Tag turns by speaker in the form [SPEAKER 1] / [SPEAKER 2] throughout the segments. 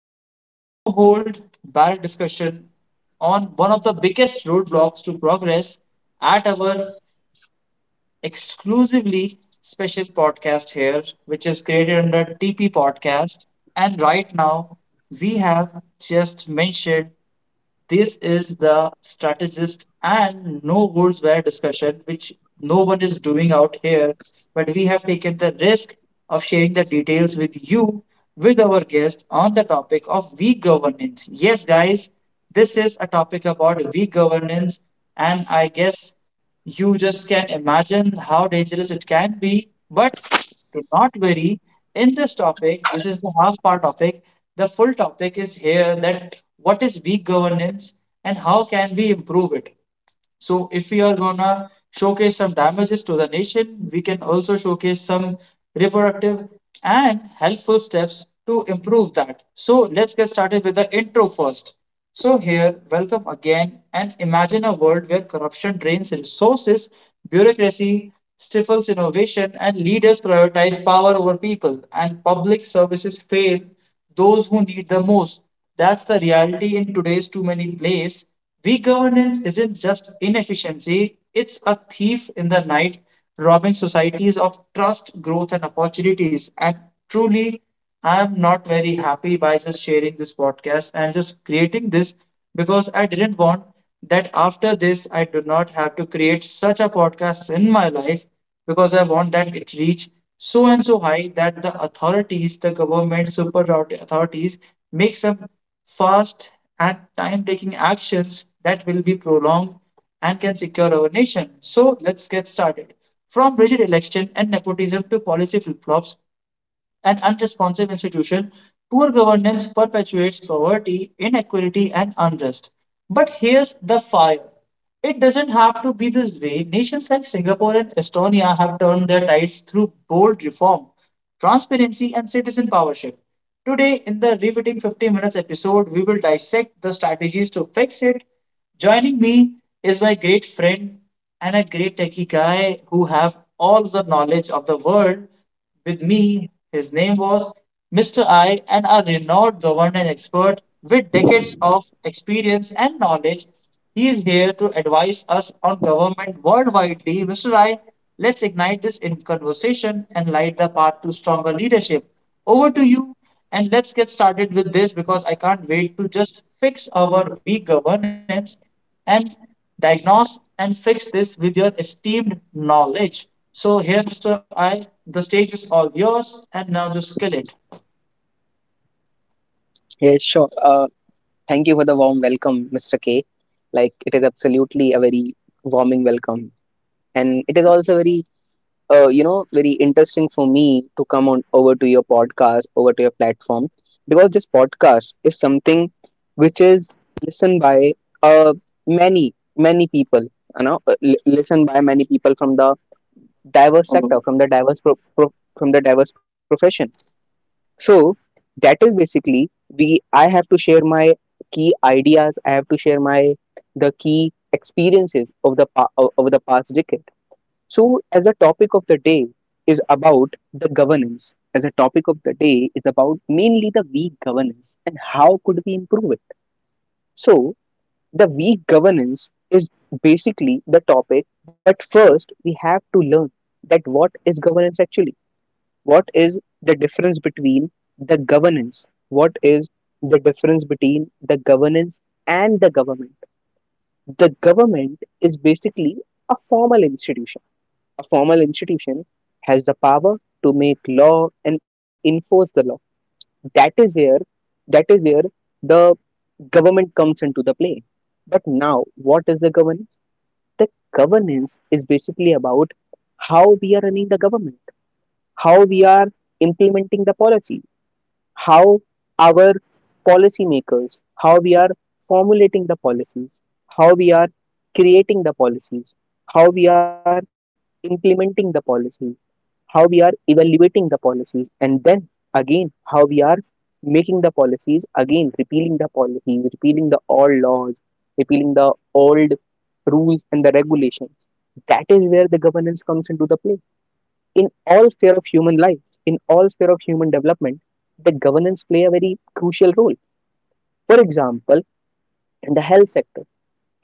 [SPEAKER 1] Welcome to a no hold bar discussion on one of the biggest roadblocks to progress at our exclusively special podcast here, which is created under TP Podcast. And right now, we have just mentioned this is the strategist and no goals were discussion, which no one is doing out here. But we have taken the risk of sharing the details with you, with our guest on the topic of weak governance. Yes, guys, this is a topic about weak governance, and I guess you just can imagine how dangerous it can be. But do not worry. In this topic, this is the half part topic. The full topic is here that what is weak governance and how can we improve it. So if we are gonna showcase some damages to the nation, we can also showcase some reproductive and helpful steps to improve that. So let's get started with the intro first. So here, welcome again and imagine a world where corruption drains resources, bureaucracy stifles innovation, and leaders prioritize power over people, and public services fail those who need the most. That's the reality in today's too many plays. Weak governance isn't just inefficiency, it's a thief in the night, robbing societies of trust, growth, and opportunities. And truly, I'm not very happy by just sharing this podcast and just creating this because I didn't want that after this I do not have to create such a podcast in my life because I want that it reach so and so high that the authorities, the government, super authorities make some fast and time taking actions that will be prolonged and can secure our nation. So let's get started. From rigid election and nepotism to policy flip flops, and unresponsive institution, poor governance perpetuates poverty, inequality, and unrest. But here's the fire. It doesn't have to be this way. Nations like Singapore and Estonia have turned their tides through bold reform, transparency, and citizen powership. Today, in the Riveting 50 Minutes episode, we will dissect the strategies to fix it. Joining me is my great friend and a great techie guy who have all the knowledge of the world with me, his name was Mr. I, and a renowned governance expert with decades of experience and knowledge. He is here to advise us on government worldwide. Mr. I, let's ignite this in conversation and light the path to stronger leadership. Over to you, and let's get started with this because I can't wait to just fix our weak governance and diagnose and fix this with your esteemed knowledge. So, here, Mr. I, the stage is all yours, and now just kill it.
[SPEAKER 2] Yeah, sure. Thank you for the warm welcome, Mr. K. Like, it is absolutely a very warming welcome. And it is also very, very interesting for me to come on, listened by many people from the diverse sector, from the from the diverse profession. So that is basically, we I have to share my key ideas. I have to share my, the key experiences of over the past decade. So as a topic of the day is about the governance, as a topic of the day is about mainly the weak governance and how could we improve it. So the weak governance is basically the topic, but first we have to learn that what is governance actually? What is the difference between the governance? What is the difference between the governance and the government? The government is basically a formal institution. A formal institution has the power to make law and enforce the law. That is where, that is where the government comes into the play. But now, what is the governance? The governance is basically about how we are running the government, how we are implementing the policy, how our policymakers, how we are formulating the policies, how we are creating the policies, how we are implementing the policies, how we are evaluating the policies, and then again how we are making the policies, again repealing the policies, repealing the old laws, repealing the old rules and the regulations. That is where the governance comes into the play in all sphere of human life, in all sphere of human development. The governance play a very crucial role. For example, in the health sector,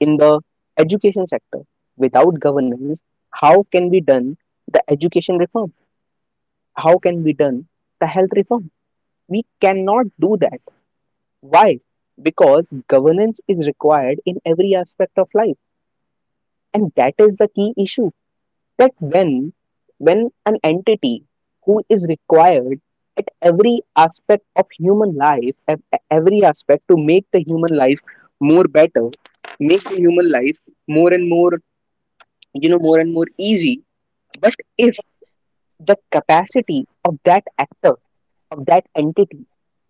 [SPEAKER 2] in the education sector, without governance, how can we done the education reform? How can we done the health reform? We cannot do that. Why? Because governance is required in every aspect of life, and that is the key issue. That when, when an entity who is required at every aspect of human life, at every aspect to make the human life more better, make the human life more and more, more and more easy. But if the capacity of that actor, of that entity,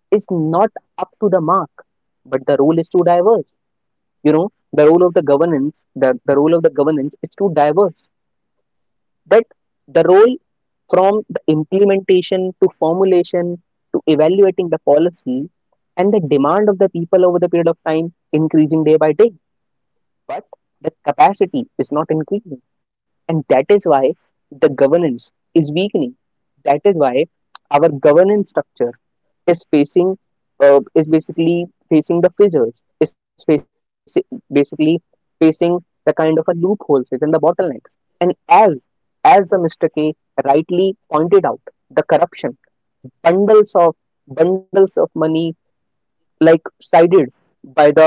[SPEAKER 2] is not up to the mark, but the role is too diverse. You know, the role of the governance, the role of the governance is too diverse. But the role, from the implementation to formulation to evaluating the policy, and the demand of the people over the period of time increasing day by day. But the capacity is not increasing. And that is why the governance is weakening. That is why our governance structure is facing, is basically facing the fissures, is facing basically facing the kind of a loopholes within the bottlenecks. And as, the Mr. K rightly pointed out, the corruption, bundles of, money like sided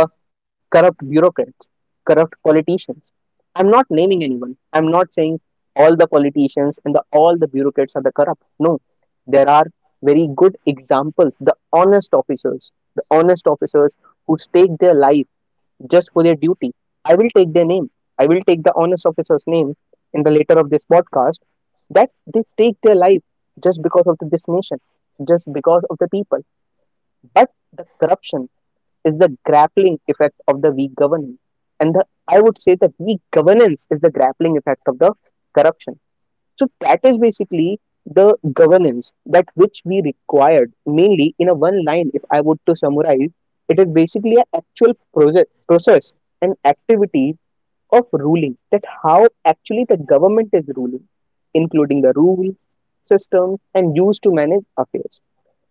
[SPEAKER 2] by the corrupt bureaucrats, corrupt politicians. I'm not naming anyone. I'm not saying all the politicians and the, all the bureaucrats are the. No, there are very good examples. The honest officers, who stake their life just for their duty. I will take their name. I will take the honest officer's name in the later of this podcast. That they stake their life just because of the, this nation, just because of the people. But the corruption is the grappling effect of the weak governance. And the, I would say that weak governance is the grappling effect of the corruption. So that is basically the governance that which we required mainly in a one line. If I would to summarize, it is basically an actual process and activities of ruling, that how actually the government is ruling, including the rules, systems, and used to manage affairs.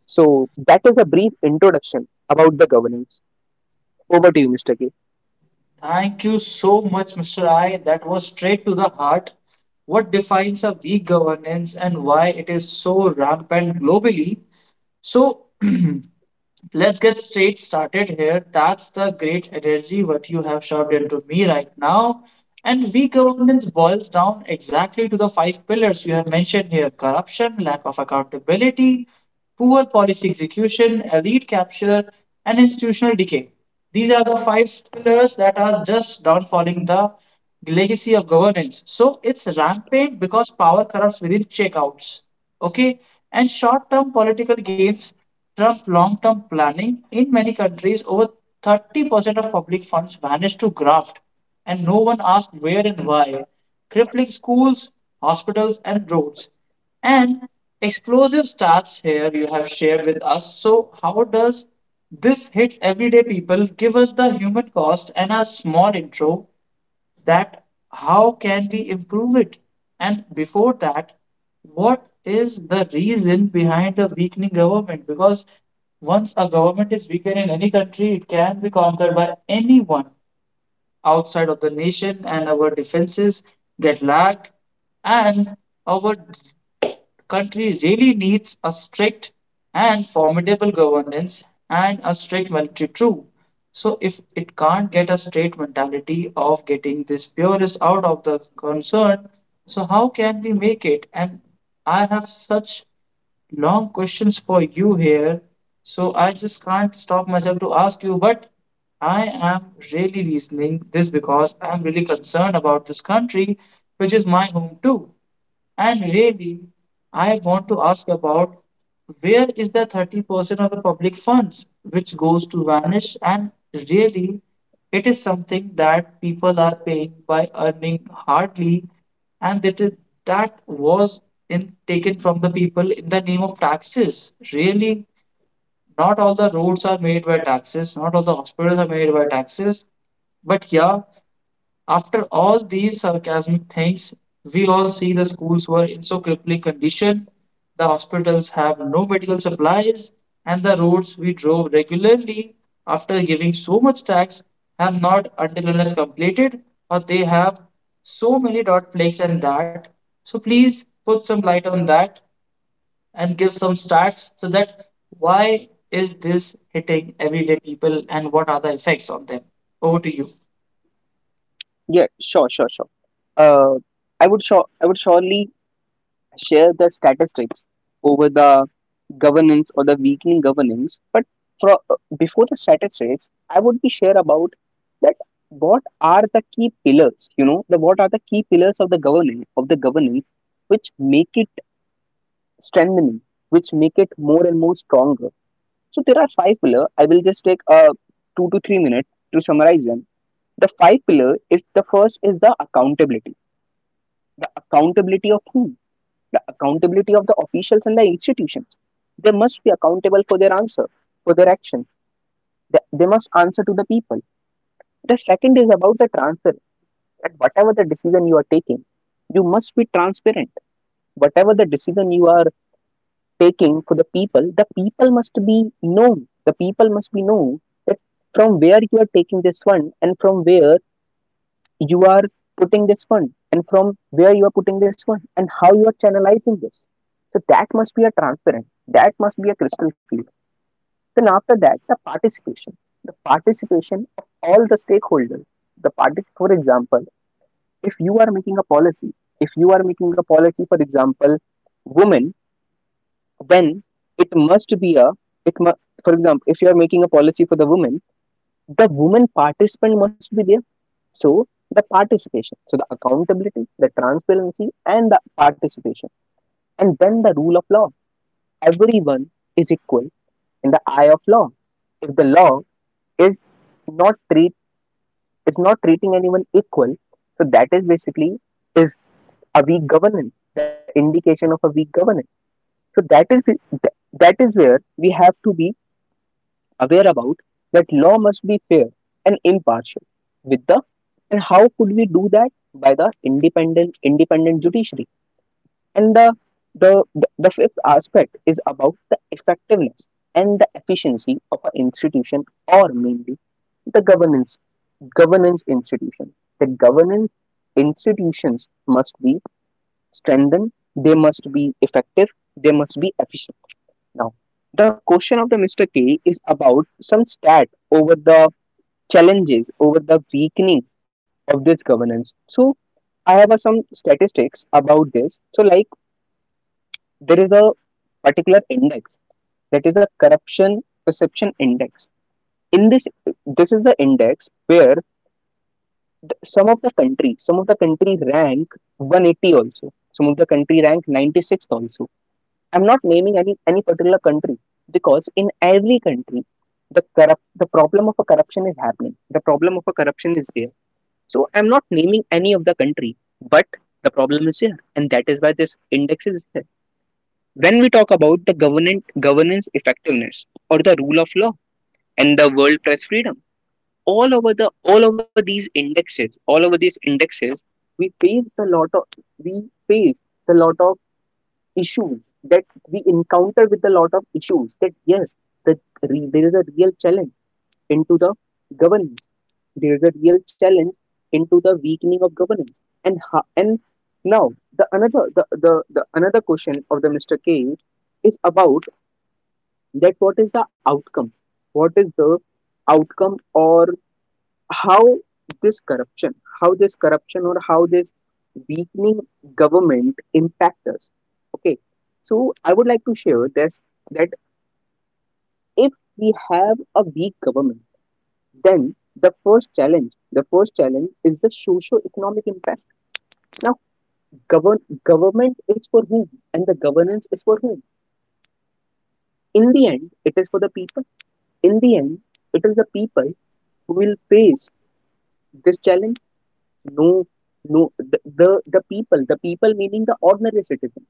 [SPEAKER 2] So that is a brief introduction about the governance. Over to you, Mr. K.
[SPEAKER 1] Thank you so much, Mr. I. That was straight to the heart. What defines a weak governance and why it is so rampant globally? So, let's get straight started here. That's the great energy what you have shoved into me right now. And weak governance boils down exactly to the five pillars you have mentioned here corruption, lack of accountability, poor policy execution, elite capture, and institutional decay. These are the five pillars that are just downfalling the legacy of governance. So it's rampant because power corrupts within checkouts. Okay, and short term political gains Trump long-term planning in many countries over 30% of public funds vanished to graft and no one asked where and why crippling schools, hospitals and roads, and explosive stats here you have shared with us. So how does this hit everyday people? Give us the human cost and a small intro that how can we improve it? And before that, what is the reason behind the weakening government? Because once a government is weakened in any country, it can be conquered by anyone outside of the nation and our defenses get lagged and our country really needs a strict and formidable governance and a strict military too. So if it can't get a straight mentality of getting this purist out of the concern, so how can we make it? And I have such long questions for you here, so I just can't stop myself to ask you, but I am really reasoning this because I'm really concerned about this country, which is my home too. And really, I want to ask about where is the 30% of the public funds which goes to vanish? And really, it is something that people are paying by earning hardly, and that, is, that was in, taken from the people in the name of taxes. Really, not all the roads are made by taxes, not all the hospitals are made by taxes. But yeah, after all these sarcastic things, we all see the schools were in so crippling condition, the hospitals have no medical supplies, and the roads we drove regularly after giving so much tax have not until unless completed, or they have so many dot plagues and that. So please put some light on that and give some stats so that why is this hitting everyday people and what are the effects on them? Over to you.
[SPEAKER 2] Yeah, sure, sure, sure. Uh, I would surely share the statistics over the governance or the weakening governance. But for, before the statistics, I would be share about that what are the key pillars. You know, the what are the key pillars of the governance, which make it strengthening, which make it more and more stronger. So there are five pillars. I will just take two to three minutes to summarize them. The five pillar is, the first is the accountability. The accountability of whom? The accountability of the officials and the institutions. They must be accountable for their answer, for their action. They must answer to the people. The second is about the transparency. That whatever the decision you are taking, you must be transparent. Whatever the decision you are taking for the people must be known. The people must be known that from where you are taking this one, and from where you are putting this fund, and how you are channelizing this. So that must be a transparent, that must be a crystal clear. Then after that, the participation of all the stakeholders. For example, if you are making a policy, if you are making a policy, for example, women, then it must be a, it mu- for example, if you are making a policy for the women, the woman participant must be there. So the participation, so the accountability, the transparency, and the participation, and then the rule of law. Everyone is equal in the eye of law. If the law is not treat is not treating anyone equal, so that is basically is a weak governance, the indication of a weak governance. So that is, where we have to be aware about that law must be fair and impartial with the, and how could we do that? By the independent judiciary, and the, the the, fifth aspect is about the effectiveness and the efficiency of an institution or mainly the governance, governance institution the governance institutions must be strengthened, they must be effective, they must be efficient. Now, the question of the Mr. K is about some stat over the challenges, over the weakening of this governance. So, I have some statistics about this. So, like, there is a particular index, that is the corruption perception index. In this, this is the index where some of the country rank 180 also, some of the country rank 96th also. I'm not naming any particular country, because in every country the problem of a corruption is happening. The problem of a corruption is there. So I'm not naming any of the country, but the problem is here, and that is why this index is there. When we talk about the government governance effectiveness or the rule of law and the world press freedom, all over the, all over these indexes, we face the lot of, we face the lot of issues that we encounter, with a lot of issues, that yes, that there is a real challenge into the governance, there is a real challenge into the weakening of governance. And now the another, the another question of the Mr. K is about that what is the outcome, what is the outcome, or how this corruption, how this corruption or how this weakening government impact us. Okay, so I would like to share this, that if we have a weak government, then the first challenge, is the socio-economic impact. Now, govern government is for whom, and the governance is for whom? In the end, it is for the people. In the end, it is the people who will face this challenge. No, no, the people, the people meaning the ordinary citizen,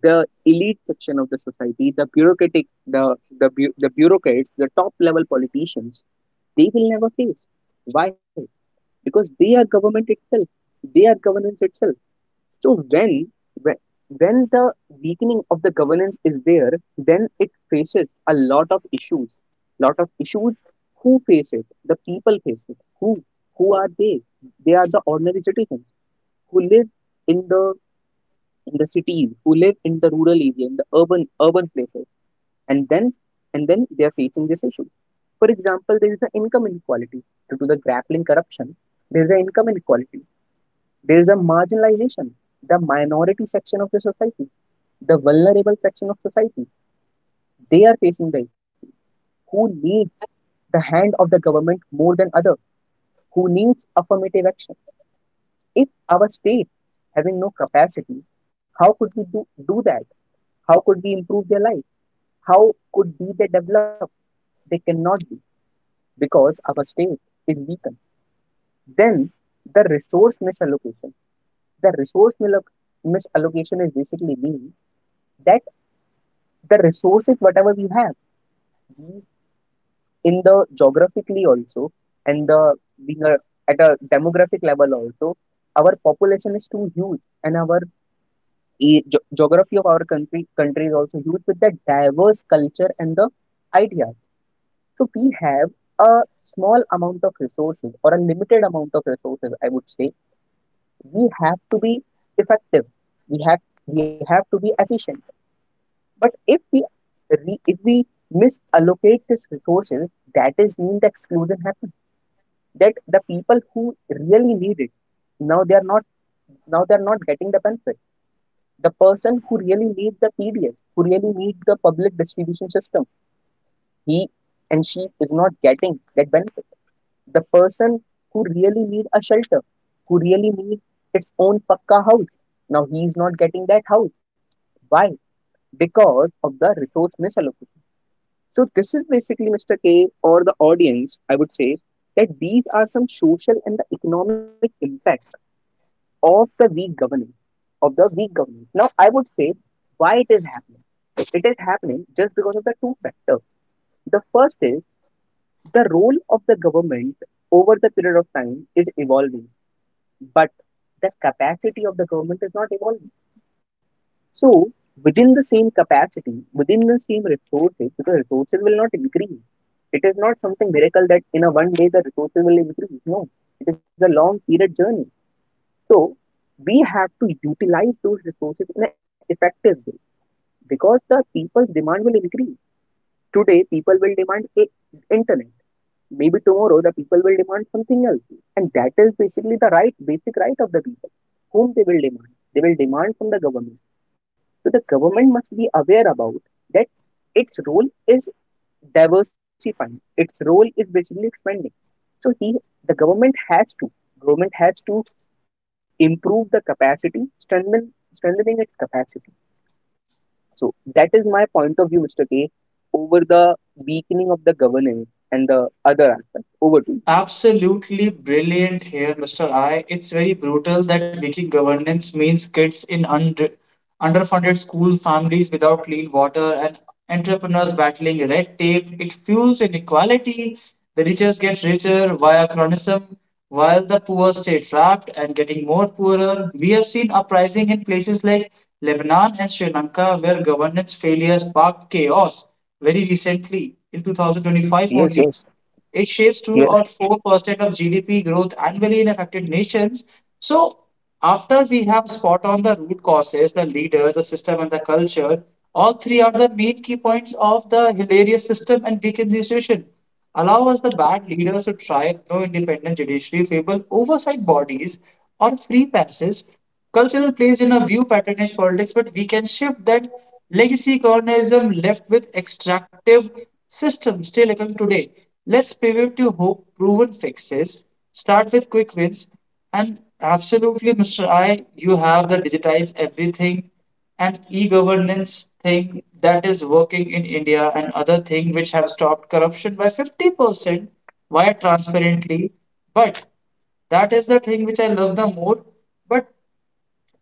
[SPEAKER 2] the elite section of the society, the bureaucratic, the bureaucrats, the top level politicians, they will never face. Why? Because they are government itself, they are governance itself. So when, when the weakening of the governance is there, then it faces a lot of issues. Lot of issues. Who face it? The people face it. Who? Who are they? They are the ordinary citizens who live in the, cities, who live in the rural area, in the urban, places. And then, they are facing this issue. For example, there is the income inequality due to the grappling corruption, there is the income inequality, there is a marginalization. The minority section of the society, the vulnerable section of society, they are facing the issue, who needs the hand of the government more than other, who needs affirmative action. If our state having no capacity, how could we do that? How could we improve their life? How could be they develop? They cannot be, because our state is weakened. Then the resource misallocation. The resource misallocation is basically mean that the resources whatever we have we in the geographically also and the being a, at a demographic level also, our population is too huge and our geography of our country is also huge with the diverse culture and the ideas. So we have a small amount of resources or a limited amount of resources, I would say. We have to be effective. We have we have to be efficient. But if we misallocate these resources, that is mean the exclusion happens. That the people who really need it, now they are not now they are not getting the benefit. The person who really needs the PDS, who really needs the public distribution system, he and she is not getting that benefit. The person who really need a shelter, who really need its own pakka house. Now he is not getting that house. Why? Because of the resource misallocation. So this is basically Mr. K or the audience, I would say, that these are some social and the economic impact of the weak governance, of the weak governance. Now I would, why it is happening. It is happening just because of the two factors. The first is, the role of the government over the period of time is evolving, but the capacity of the government is not evolving. So within the same capacity, within the same resources, because resources will not increase. It is not something miracle that in a one day the resources will increase. No, it is a long period journey. So we have to utilize those resources in an effective way, because the people's demand will increase. Today, people will demand internet. Maybe tomorrow the people will demand something else. And that is basically the right, basic right of the people. Whom they will demand? They will demand from the government. So the government must be aware about that its role is diversifying. Its role is basically expanding. So the government has to, has to improve the capacity, strengthening its capacity. So that is my point of view, Mr. K, over the weakening of the governance and the other aspect. Over to you.
[SPEAKER 1] Absolutely brilliant here, Mr. I. It's very brutal that leaky governance means kids in under, underfunded school, families without clean water, and entrepreneurs battling red tape. It fuels inequality, the richest get richer via cronyism, while the poor stay trapped and getting more poorer. We have seen uprising in places like Lebanon and Sri Lanka where governance failure sparked chaos very recently in 2025 only.
[SPEAKER 2] Yes, yes.
[SPEAKER 1] It shapes 2 or
[SPEAKER 2] Yes.
[SPEAKER 1] 4% of GDP growth annually in affected nations. So, after we have spot on the root causes, the leader, the system, and the culture, all three are the main key points of the hilarious system and weak institution allow us the bad leaders to try no independent judiciary, fable oversight bodies, or free passes. Cultural plays in a view patronage politics, but we can shift that legacy colonialism left with extractive systems still occurring today. Let's pivot to hope proven fixes, start with quick wins, and absolutely, Mr. I, you have the digitized everything, an e-governance thing that is working in India and other thing which have stopped corruption by 50% via transparently. But that is the thing which I love the more. But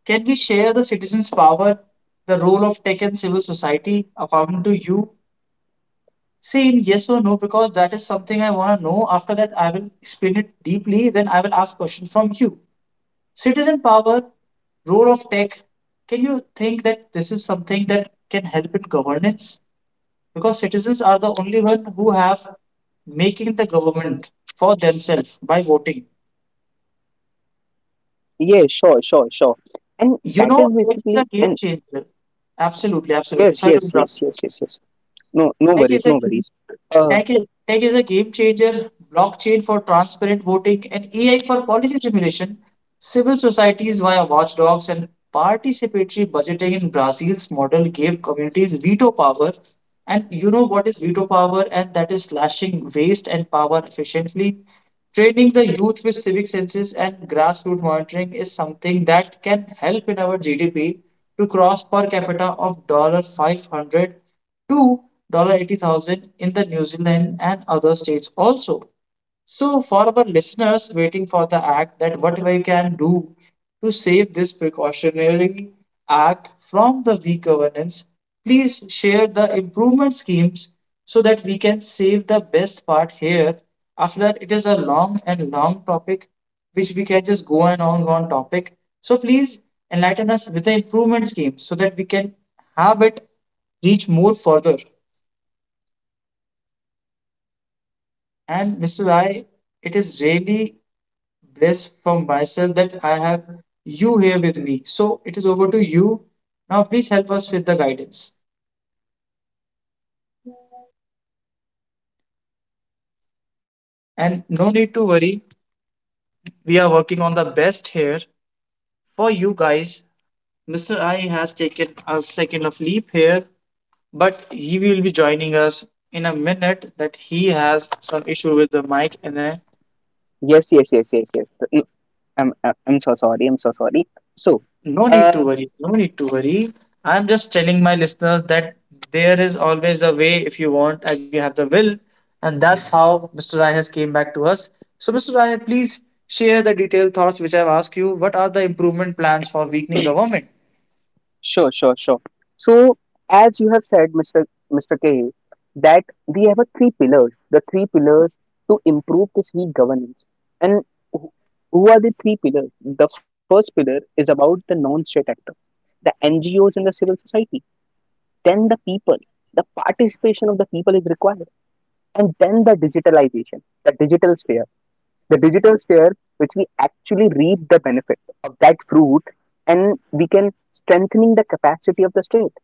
[SPEAKER 1] can we share the citizens' power, the role of tech and civil society, according to you? Say in yes or no, because that is something I want to know. After that, I will explain it deeply. Then I will ask questions from you. Citizen power, role of tech. Can you think that this is something that can help in governance? Because citizens are the only one who have making the government for themselves by voting.
[SPEAKER 2] Yeah, sure, sure, sure. And
[SPEAKER 1] You
[SPEAKER 2] that is
[SPEAKER 1] know, tech is a
[SPEAKER 2] basically
[SPEAKER 1] game
[SPEAKER 2] and,
[SPEAKER 1] changer. Absolutely, absolutely.
[SPEAKER 2] yes,
[SPEAKER 1] Sorry to
[SPEAKER 2] yes,
[SPEAKER 1] interrupt.
[SPEAKER 2] yes, yes, yes, yes. No, no
[SPEAKER 1] Tech is
[SPEAKER 2] worries,
[SPEAKER 1] a
[SPEAKER 2] no
[SPEAKER 1] game.
[SPEAKER 2] worries. Uh,
[SPEAKER 1] Tech is a game changer, blockchain for transparent voting, and AI for policy simulation, civil societies via watchdogs, and participatory budgeting in Brazil's model gave communities veto power. And you know what is veto power, and that is slashing waste and power efficiently. Training the youth with civic senses and grassroots monitoring is something that can help in our GDP to cross per capita of $500 to 80,000 in the New Zealand and other states also. So, for our listeners waiting for the act, that what we can do to save this precautionary act from the weak governance, please share the improvement schemes so that we can save the best part here. After that, it is a long and long topic which we can just go and on topic. So please enlighten us with the improvement scheme so that we can have it reach more further. And Mr. I, it is really blessed for myself that I have you here with me. So it is over to you. Now, please help us with the guidance. And no need to worry, we are working on the best here for you guys. Mr. I has taken a second of leave here, but he will be joining us in a minute that he has some issue with the mic and a.
[SPEAKER 2] yes, yes, yes, yes, yes. No, I'm so sorry. I'm so sorry. So,
[SPEAKER 1] No need
[SPEAKER 2] uh,
[SPEAKER 1] to worry. No need to worry. I'm just telling my listeners that there is always a way if you want and you have the will. And that's how Mr. Rai has came back to us. So, Mr. Rai, please share the detailed thoughts which I've asked you. What are the improvement plans for weakening government?
[SPEAKER 2] sure, sure, sure. So, as you have said, Mr. K, that we have a three pillars, the three pillars to improve this weak governance. And wh- who are the three pillars? The first pillar is about the non-state actor, the NGOs and the civil society. Then the people, the participation of the people is required, and then the digitalization, the digital sphere which we actually reap the benefit of that fruit, and we can strengthening the capacity of the state.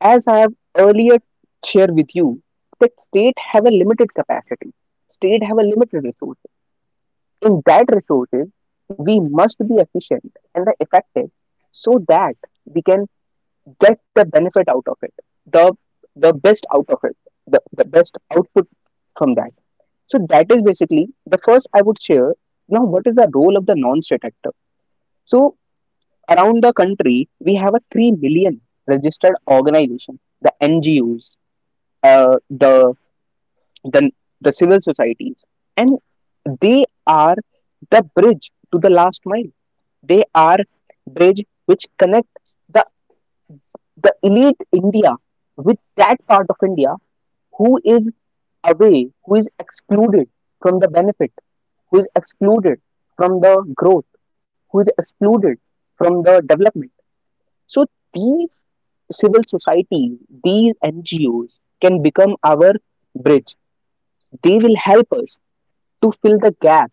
[SPEAKER 2] As I have earlier shared with you, that state have a limited capacity, state have a limited resources. In that resources, we must be efficient and the effective, so that we can get the benefit out of it, the the best out of it, the best output from that. So that is basically the first I would share. Now what is the role of the non-state actor? Around the country we have a 3 million registered organization, the ngos, uh, the the the civil societies, and they are the bridge to the last mile. They are bridge which connect the elite India with that part of India who is away, who is excluded from the benefit, who is excluded from the growth, who is excluded from the development. So these civil societies, these NGOs can become our bridge. They will help us to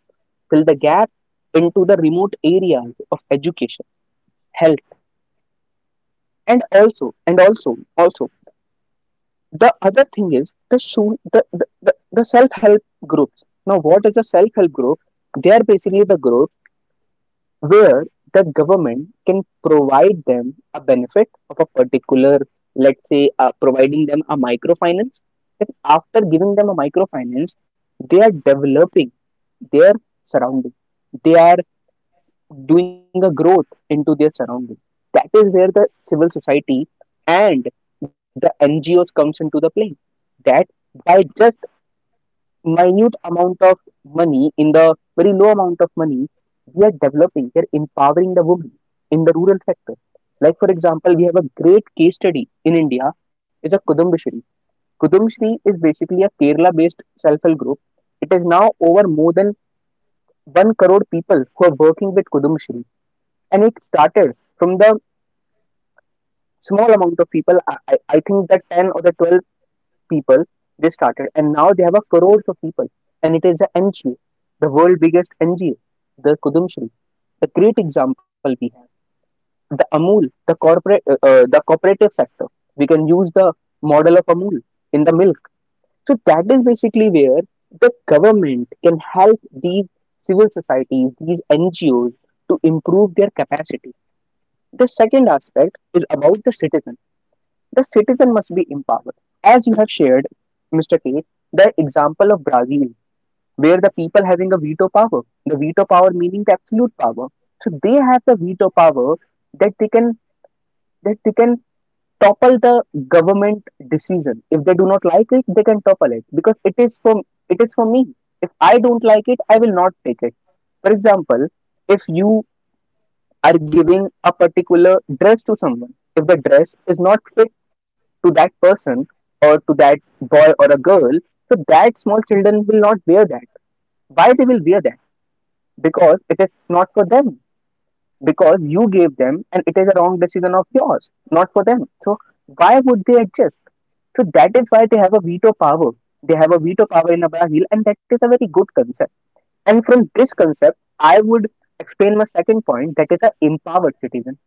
[SPEAKER 2] fill the gap into the remote areas of education, health, and also, also the other thing is the shoe the self-help groups. Now what is a self-help group? They are basically the group where the government can provide them a benefit of a particular, let's say, providing them a microfinance. Then after giving them a microfinance, they are developing their surrounding. They are doing a growth into their surroundings. That is where the civil society and the NGOs comes into the play. That by just minute amount of money, in the very low amount of money, we are developing, we are empowering the women in the rural sector. Like for example, we have a great case study in India, is a Kudumbashri. Kudumbashri is basically a Kerala-based self-help group. It is now over more than one crore people who are working with Kudumbashri, and it started from the small amount of people. I think that 10 or the 12 people they started, and now they have a crores of people. And it is a ngo, the world biggest ngo, the Kudumshri. The great example we have, the Amul, the corporate, the cooperative sector. We can use the model of Amul in the milk. So that is basically where the government can help these civil societies, these ngos, to improve their capacity. The second aspect is about the citizen. The citizen must be empowered. As you have shared, Mr. K, the example of Brazil, where the people having a veto power, the veto power meaning the absolute power. So they have the veto power, that they can, that they can topple the government decision. If they do not like it, they can topple it, because it is for, it is for me. If I don't like it, I will not take it. For example, if you are giving a particular dress to someone. If the dress is not fit to that person, or to that boy or a girl, so that small children will not wear that. Why they will wear that? Because it is not for them. Because you gave them, and it is a wrong decision of yours, not for them. So why would they adjust? So that is why they have a veto power. They have a veto power in Brazil, and that is a very good concept. And from this concept, I would explain my second point, that is the empowered citizen.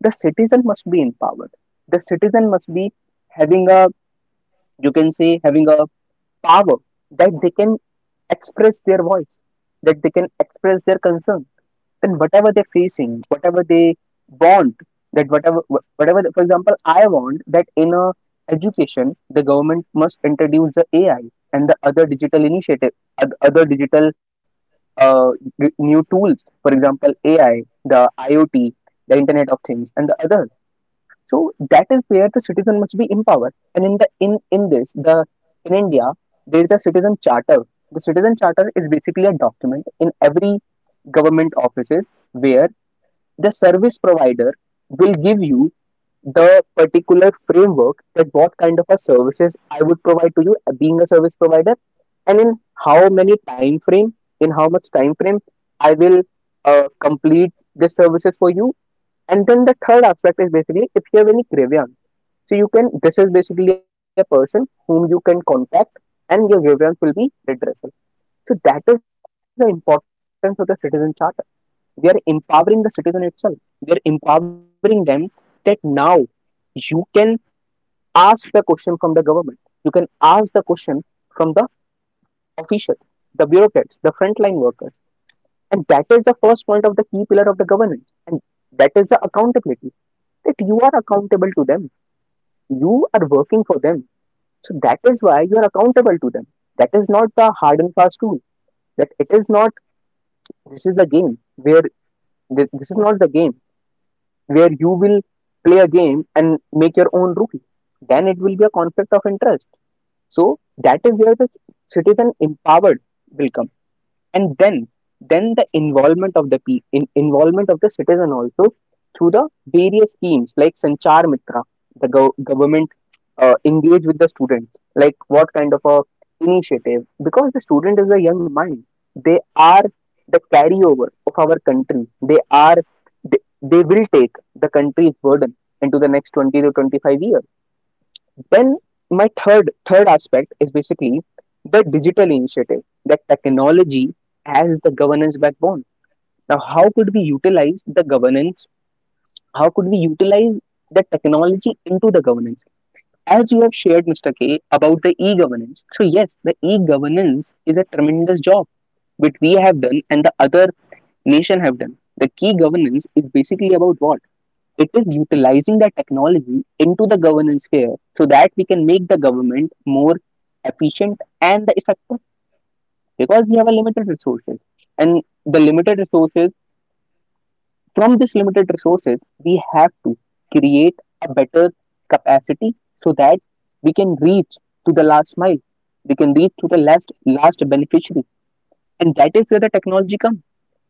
[SPEAKER 2] The citizen must be empowered. The citizen must be having a, you can say, having a power, that they can express their voice, that they can express their concern. Then whatever they're facing, whatever they want, that whatever, for example, I want that in a education, the government must introduce the ai and the other digital initiative, other digital, uh, new tools. For example, ai, the iot, the internet of things, and the other. So that is where the citizen must be empowered. And in the, in India, there is a citizen charter. The citizen charter is basically a document in every government offices, where the service provider will give you the particular framework, that what kind of a services I would provide to you, being a service provider, and in how many time frame, in how much time frame I will complete the services for you. And then the third aspect is basically, if you have any grievance, so you can, this is basically a person whom you can contact, and your grievance will be redressed. So that is the importance of the citizen charter. We are empowering the citizen itself. We are empowering them that now you can ask the question from the government. You can ask the question from the officials, the bureaucrats, the frontline workers. And that is the first, the key pillar of the governance. And that is the accountability. That you are accountable to them. You are working for them. So that is why you are accountable to them. That is not the hard and fast rule. That it is not, this is the game where this is not the game where you will play a game and make your own rule. Then it will be a conflict of interest. So that is where the citizen empowered will come. And then the involvement of the, involvement of the citizen also through the various teams like sanchar mitra. The government engage with the students, like what kind of a initiative, because the student is a young mind. They are the carryover of our country. They are they, they will take the country's burden into the next 20 to 25 years. Then my third aspect is basically the digital initiative, that technology as the governance backbone. Now, how could we utilize the governance? How could we utilize the technology into the governance? As you have shared, Mr. K, about the e-governance. So yes, the e-governance is a tremendous job which we have done, and the other nation have done. The key governance is basically about what? It is utilizing the technology into the governance sphere, so that we can make the government more efficient and the effective, because we have a limited resources and the limited resources. From this limited resources, we have to create a better capacity, so that we can reach to the last mile. We can reach to the last beneficiary. And that is where the technology comes.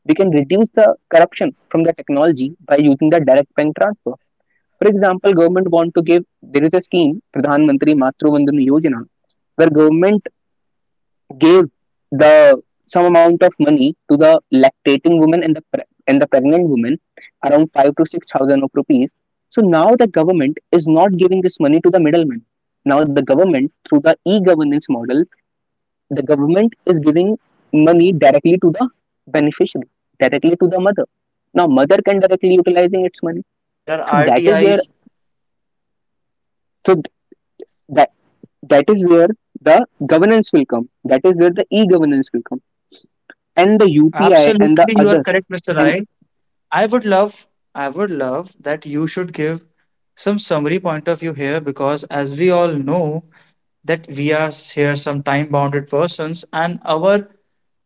[SPEAKER 2] We can reduce the corruption from the technology by using the direct bank transfer. For example, government want to give there is a scheme, Pradhan Mantri Matruvandana Yojana, where government gave the some amount of money to the lactating women, and the pregnant women,
[SPEAKER 1] Absolutely, Mr.
[SPEAKER 2] around
[SPEAKER 1] K, you
[SPEAKER 2] five
[SPEAKER 1] are
[SPEAKER 2] to six
[SPEAKER 1] correct.
[SPEAKER 2] thousand of rupees. So now the
[SPEAKER 1] And
[SPEAKER 2] government is not giving
[SPEAKER 1] as
[SPEAKER 2] this money
[SPEAKER 1] you
[SPEAKER 2] to the
[SPEAKER 1] have
[SPEAKER 2] middlemen.
[SPEAKER 1] given us
[SPEAKER 2] Now the
[SPEAKER 1] such a
[SPEAKER 2] government, through
[SPEAKER 1] detailed
[SPEAKER 2] the
[SPEAKER 1] insight
[SPEAKER 2] e-governance
[SPEAKER 1] with
[SPEAKER 2] model,
[SPEAKER 1] us, I
[SPEAKER 2] the
[SPEAKER 1] would like
[SPEAKER 2] government is
[SPEAKER 1] to make
[SPEAKER 2] giving
[SPEAKER 1] it a few
[SPEAKER 2] money
[SPEAKER 1] summary
[SPEAKER 2] directly to the
[SPEAKER 1] so that we can conclude
[SPEAKER 2] beneficiary,
[SPEAKER 1] this
[SPEAKER 2] directly
[SPEAKER 1] session
[SPEAKER 2] to the mother.
[SPEAKER 1] from my
[SPEAKER 2] Now
[SPEAKER 1] end,
[SPEAKER 2] mother can directly
[SPEAKER 1] for your
[SPEAKER 2] utilizing
[SPEAKER 1] end
[SPEAKER 2] its money.
[SPEAKER 1] also, that there are
[SPEAKER 2] So that is where,
[SPEAKER 1] RTIs.
[SPEAKER 2] so that that is where the governance will come. That is where the e-governance will come, and the upi
[SPEAKER 1] Absolutely,
[SPEAKER 2] and
[SPEAKER 1] you
[SPEAKER 2] the
[SPEAKER 1] are
[SPEAKER 2] other,
[SPEAKER 1] correct, Mr. Rai.
[SPEAKER 2] and
[SPEAKER 1] I would love, I would love that you should give some summary point of view here because, as we all know, that we are here some time-bounded persons, and our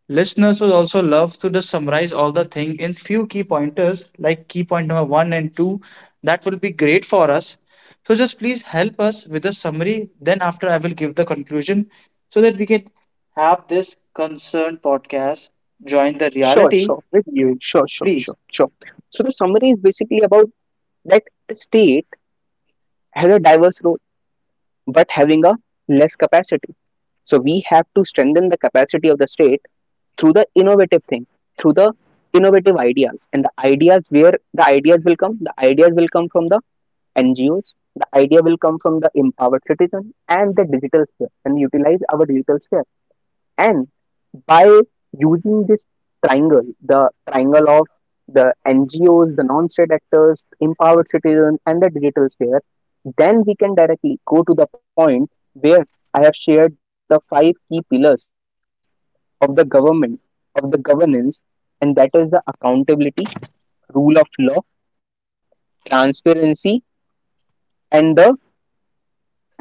[SPEAKER 1] listeners will also love to just summarize all the thing in few key pointers, like key point number one and two. That will be great for us. So just please help us with a summary. Then after, I will give the conclusion so that we can have this concerned podcast join the
[SPEAKER 2] sure,
[SPEAKER 1] reality
[SPEAKER 2] sure,
[SPEAKER 1] with you.
[SPEAKER 2] sure, sure,
[SPEAKER 1] Please.
[SPEAKER 2] sure, sure. So the summary is basically about that the state has a diverse role, but having a less capacity, so we have to strengthen the capacity of the state through the innovative thing, through the innovative ideas. And the ideas, where the ideas will come from the NGOs. The idea will come from the empowered citizen and the digital sphere, and we utilize our digital sphere. And by using this triangle, the triangle of the NGOs, the non-state actors, empowered citizens, and the digital sphere, then we can directly go to the point where I have shared the five key pillars of the government, of the governance, and that is the accountability, rule of law, transparency, and the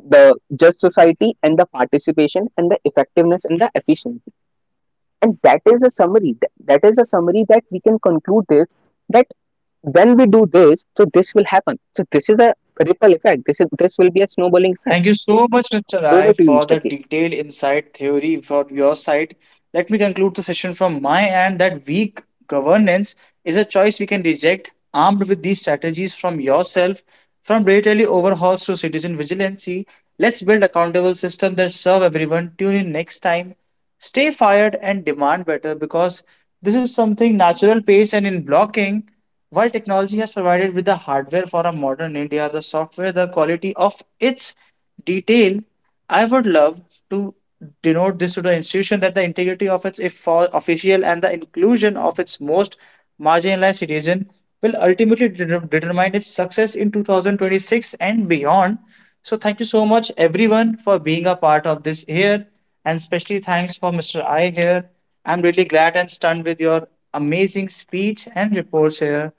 [SPEAKER 2] just society, and the participation, and the effectiveness, and the efficiency. And that is a summary, that is a summary that we can conclude this. That when we do this, so this will happen. So this is a ripple effect. This will be a
[SPEAKER 1] Thank
[SPEAKER 2] snowballing
[SPEAKER 1] you
[SPEAKER 2] effect.
[SPEAKER 1] so much, Mr. Rai, for the
[SPEAKER 2] Over to you,
[SPEAKER 1] detailed
[SPEAKER 2] Mr. K.
[SPEAKER 1] insight theory for your side. Let me conclude the session from my end that weak governance is a choice we can reject, armed with these strategies from yourself, from regulatory overhauls to citizen vigilancy. Let's build accountable systems that serve everyone. Tune in next time. Stay fired and demand better because this is something natural pace and in blocking. While technology has provided with the hardware for a modern India, the software, the quality of its detail, I would love to denote this to the institution that the integrity of its official and the inclusion of its most marginalized citizen will ultimately determine its success in 2026 and beyond. So thank you so much everyone for being a part of this here and especially thanks for Mr. I here. I'm really glad and stunned with your amazing speech and reports here.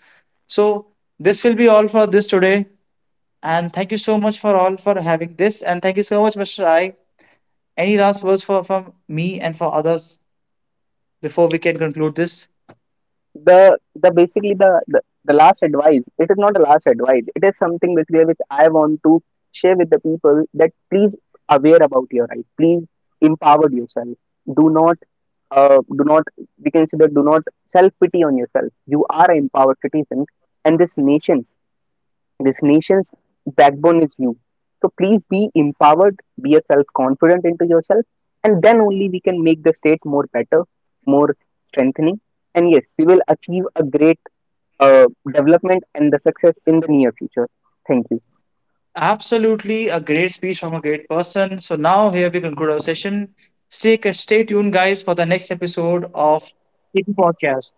[SPEAKER 1] So this will be all for this today. And thank you so much for all for having this. And thank you so much, Mr. I. Any last words for from me and for others before we can conclude this?
[SPEAKER 2] The, basically the last advice, it is not a last advice, it is something basically which I want to share with the people, that please aware about your right, please empower yourself. Do not do not we can say that do not self pity on yourself. You are an empowered citizen, and this nation's backbone is you. So please be empowered, be a self-confident into yourself, and then only we can make the state more better, more strengthening. And yes, we will achieve a great uh, development and the success in the near future. Thank you.
[SPEAKER 1] Absolutely, a great speech from a great person. So now here we conclude our session. Stay tuned, guys, for the next episode of Hidden Podcast.